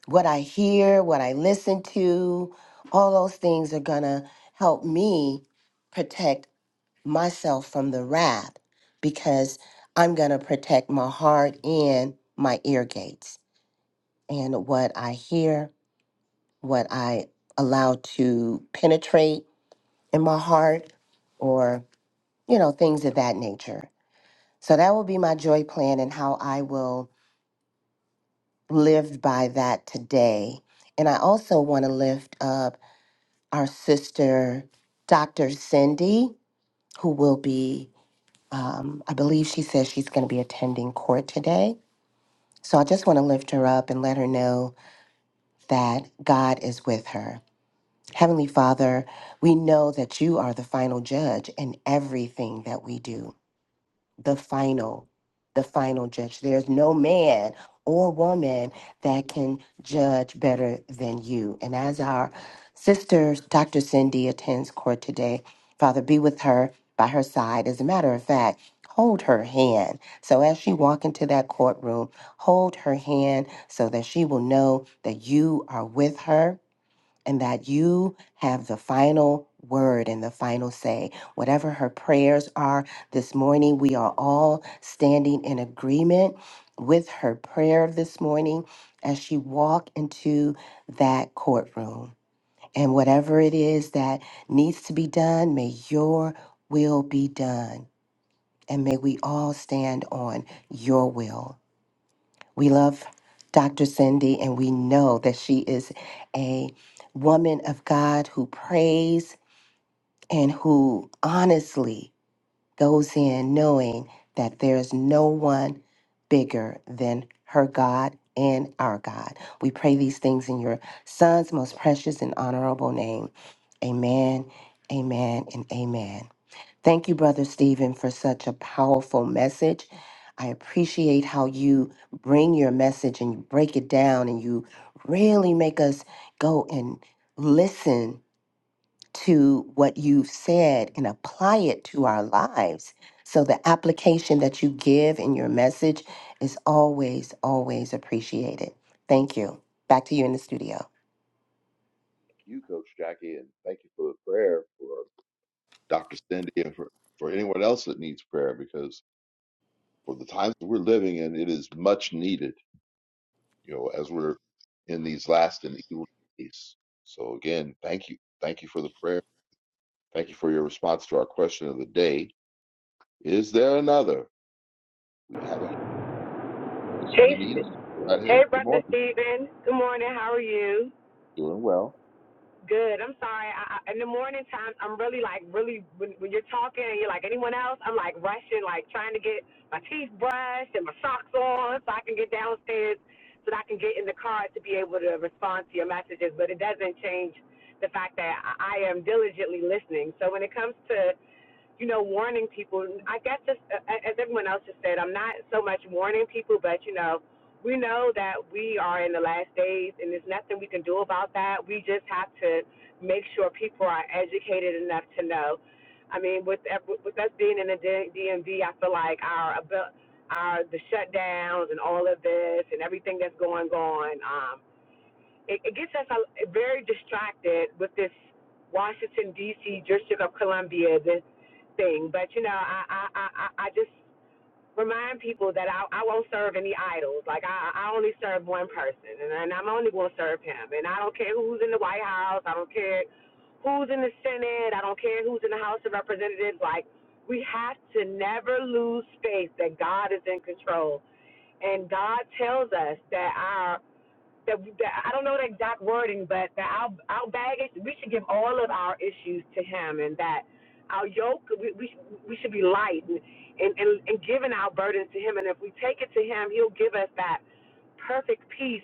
Speaker 8: what I hear, what I listen to. All those things are going to help me protect myself from the wrath because I'm going to protect my heart and my ear gates and what I hear what I allow to penetrate in my heart or, you know, things of that nature. So that will be my joy plan and how I will live by that today. And I also want to lift up our sister, Dr. Cindy, who will be, um, I believe she says she's going to be attending court today. So I just want to lift her up and let her know that God is with her Heavenly Father, we know that you are the final judge in everything that we do. The final, the final judge. There's no man or woman that can judge better than you. And as our sister, Dr. Cindy, attends court today, Father, be with her by her side. As a matter of fact, hold her hand. So as she walk into that courtroom, hold her hand so that she will know that you are with her and that you have the final word and the final say. Whatever her prayers are this morning, we are all standing in agreement with her prayer this morning as she walk into that courtroom. And whatever it is that needs to be done, may your will be done. And may we all stand on your will. We love Dr. Cindy, and we know that she is a woman of God who prays and who honestly goes in knowing that there's no one bigger than her God and our God. We pray these things in your son's most precious and honorable name. Amen, amen, and amen. Thank you, Brother Stephen, for such a powerful message. I appreciate how you bring your message and you break it down and you really make us go and listen to what you've said and apply it to our lives. So the application that you give in your message is always, always appreciated. Thank you. Back to you in the studio.
Speaker 3: Thank You, Coach Jackie, and thank you for the prayer for Dr. Cindy and for, for anyone else that needs prayer because for the times that we're living in, it is much needed, you know, as we're in these last and evil days. So, again, thank you. Thank you for the prayer. Thank you for your response to our question of the day. Is there another? We have a Sister
Speaker 9: Hey,
Speaker 3: Benita.
Speaker 9: St-
Speaker 3: Go right
Speaker 9: hey,
Speaker 3: ahead. Good
Speaker 9: brother
Speaker 3: morning.
Speaker 9: Steven. Good morning. How are you?
Speaker 3: Doing well.
Speaker 9: Good. I'm sorry. I, I, in the morning times, I'm really like really when, when you're talking and you're like anyone else, I'm like rushing, like trying to get my teeth brushed and my socks on so I can get downstairs so that I can get in the car to be able to respond to your messages. But it doesn't change the fact that I, I am diligently listening. So when it comes to you know, warning people. I guess just uh, uh, as everyone else has said, I'm not so much warning people, but you know, we know that we are in the last days, and there's nothing we can do about that. We just have to make sure people are educated enough to know. I mean, with uh, with us being in the D- DMV, I feel like our abil- our the shutdowns and all of this and everything that's going on, um, it, it gets us a, very distracted with this Washington D.C. District of Columbia the thing, but you know, I I I, I just remind people that I I won't serve any idols. Like I I only serve one person, and, and I'm only going to serve him. And I don't care who's in the White House. I don't care who's in the Senate. I don't care who's in the House of Representatives. Like we have to never lose faith that God is in control, and God tells us that our that, that I don't know the exact wording, but that our our baggage, we should give all of our issues to Him, and that our yoke, we we, we should be light and, and and and giving our burdens to Him, and if we take it to Him, He'll give us that perfect peace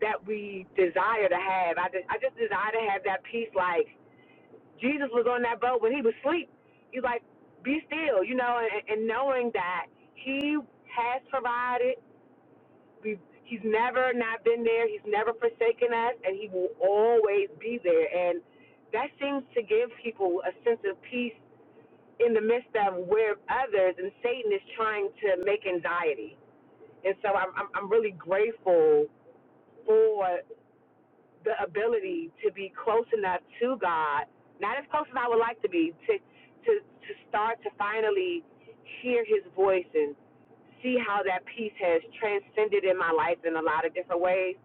Speaker 9: that we desire to have. I just I just desire to have that peace, like Jesus was on that boat when He was asleep. He's like, be still, you know, and, and knowing that He has provided we, he's never not been there. He's never forsaken us, and he will always be there. And that seems to give people a sense of peace in the midst of where others and Satan is trying to make anxiety. And so I'm I'm, I'm really grateful for the ability to be close enough to God, not as close as I would like to be, to to to start to finally hear His voice and see how that peace has transcended in my life in a lot of different ways.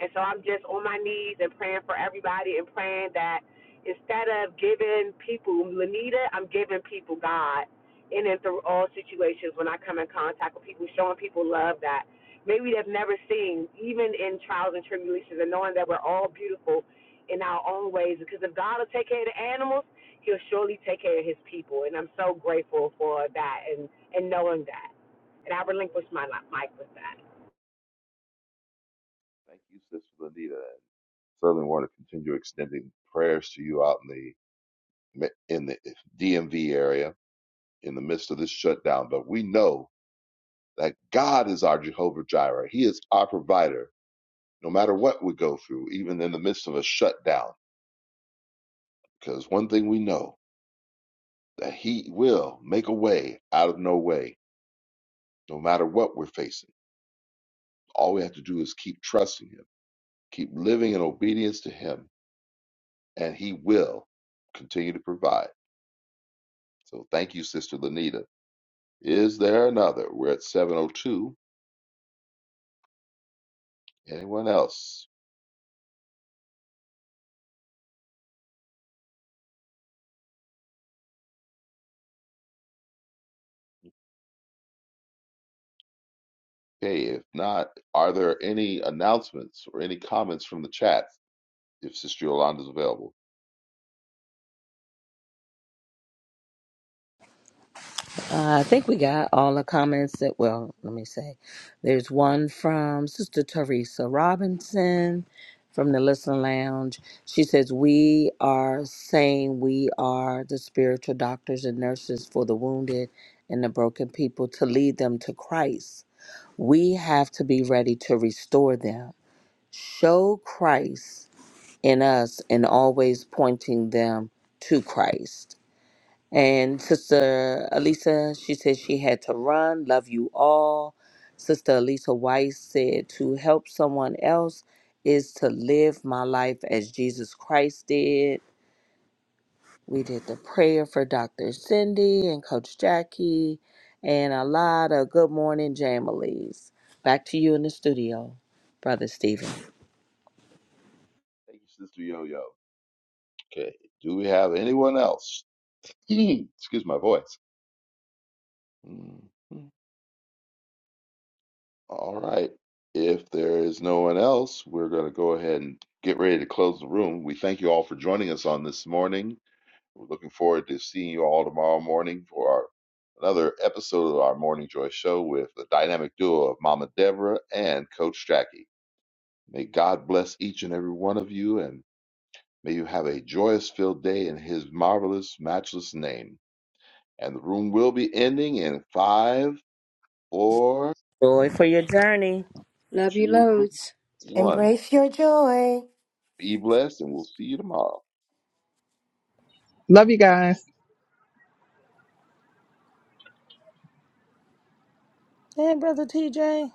Speaker 9: And so I'm just on my knees and praying for everybody and praying that instead of giving people Lanita, I'm giving people God in and through all situations when I come in contact with people, showing people love that maybe they've never seen, even in trials and tribulations, and knowing that we're all beautiful in our own ways. Because if God will take care of the animals, He'll surely take care of His people. And I'm so grateful for that and, and knowing that. And I relinquish my mic with that.
Speaker 3: Thank you, Sister Lanita. And certainly want to continue extending prayers to you out in the in the DMV area in the midst of this shutdown. But we know that God is our Jehovah Jireh. He is our provider, no matter what we go through, even in the midst of a shutdown. Because one thing we know that He will make a way out of no way, no matter what we're facing. All we have to do is keep trusting Him, keep living in obedience to Him, and He will continue to provide. So thank you, Sister Lanita. Is there another? We're at 702. Anyone else? Okay, if not, are there any announcements or any comments from the chat if Sister Yolanda is available?
Speaker 7: Uh, I think we got all the comments that, well, let me say. There's one from Sister Teresa Robinson from the Listen Lounge. She says, We are saying we are the spiritual doctors and nurses for the wounded and the broken people to lead them to Christ. We have to be ready to restore them, show Christ in us, and always pointing them to Christ. And Sister Alisa, she said she had to run. Love you all. Sister Alisa Weiss said to help someone else is to live my life as Jesus Christ did. We did the prayer for Dr. Cindy and Coach Jackie and a lot of good morning jamilies. Back to you in the studio, Brother Stephen.
Speaker 3: Thank you, Sister Yo Yo. Okay, do we have anyone else? Excuse my voice. Mhm. All right. If there is no one else, we're going to go ahead and get ready to close the room. We thank you all for joining us on this morning. We're looking forward to seeing you all tomorrow morning for our another episode of our Morning Joy Show with the dynamic duo of Mama Deborah and Coach Jackie. May God bless each and every one of you, and may you have a joyous filled day in His marvelous, matchless name. And the room will be ending in five, four,
Speaker 7: Joy for your journey.
Speaker 5: Love you
Speaker 3: two,
Speaker 5: loads.
Speaker 3: one.
Speaker 8: Embrace your joy.
Speaker 3: Be blessed, and we'll see you tomorrow.
Speaker 1: Love you guys.
Speaker 7: And Brother TJ.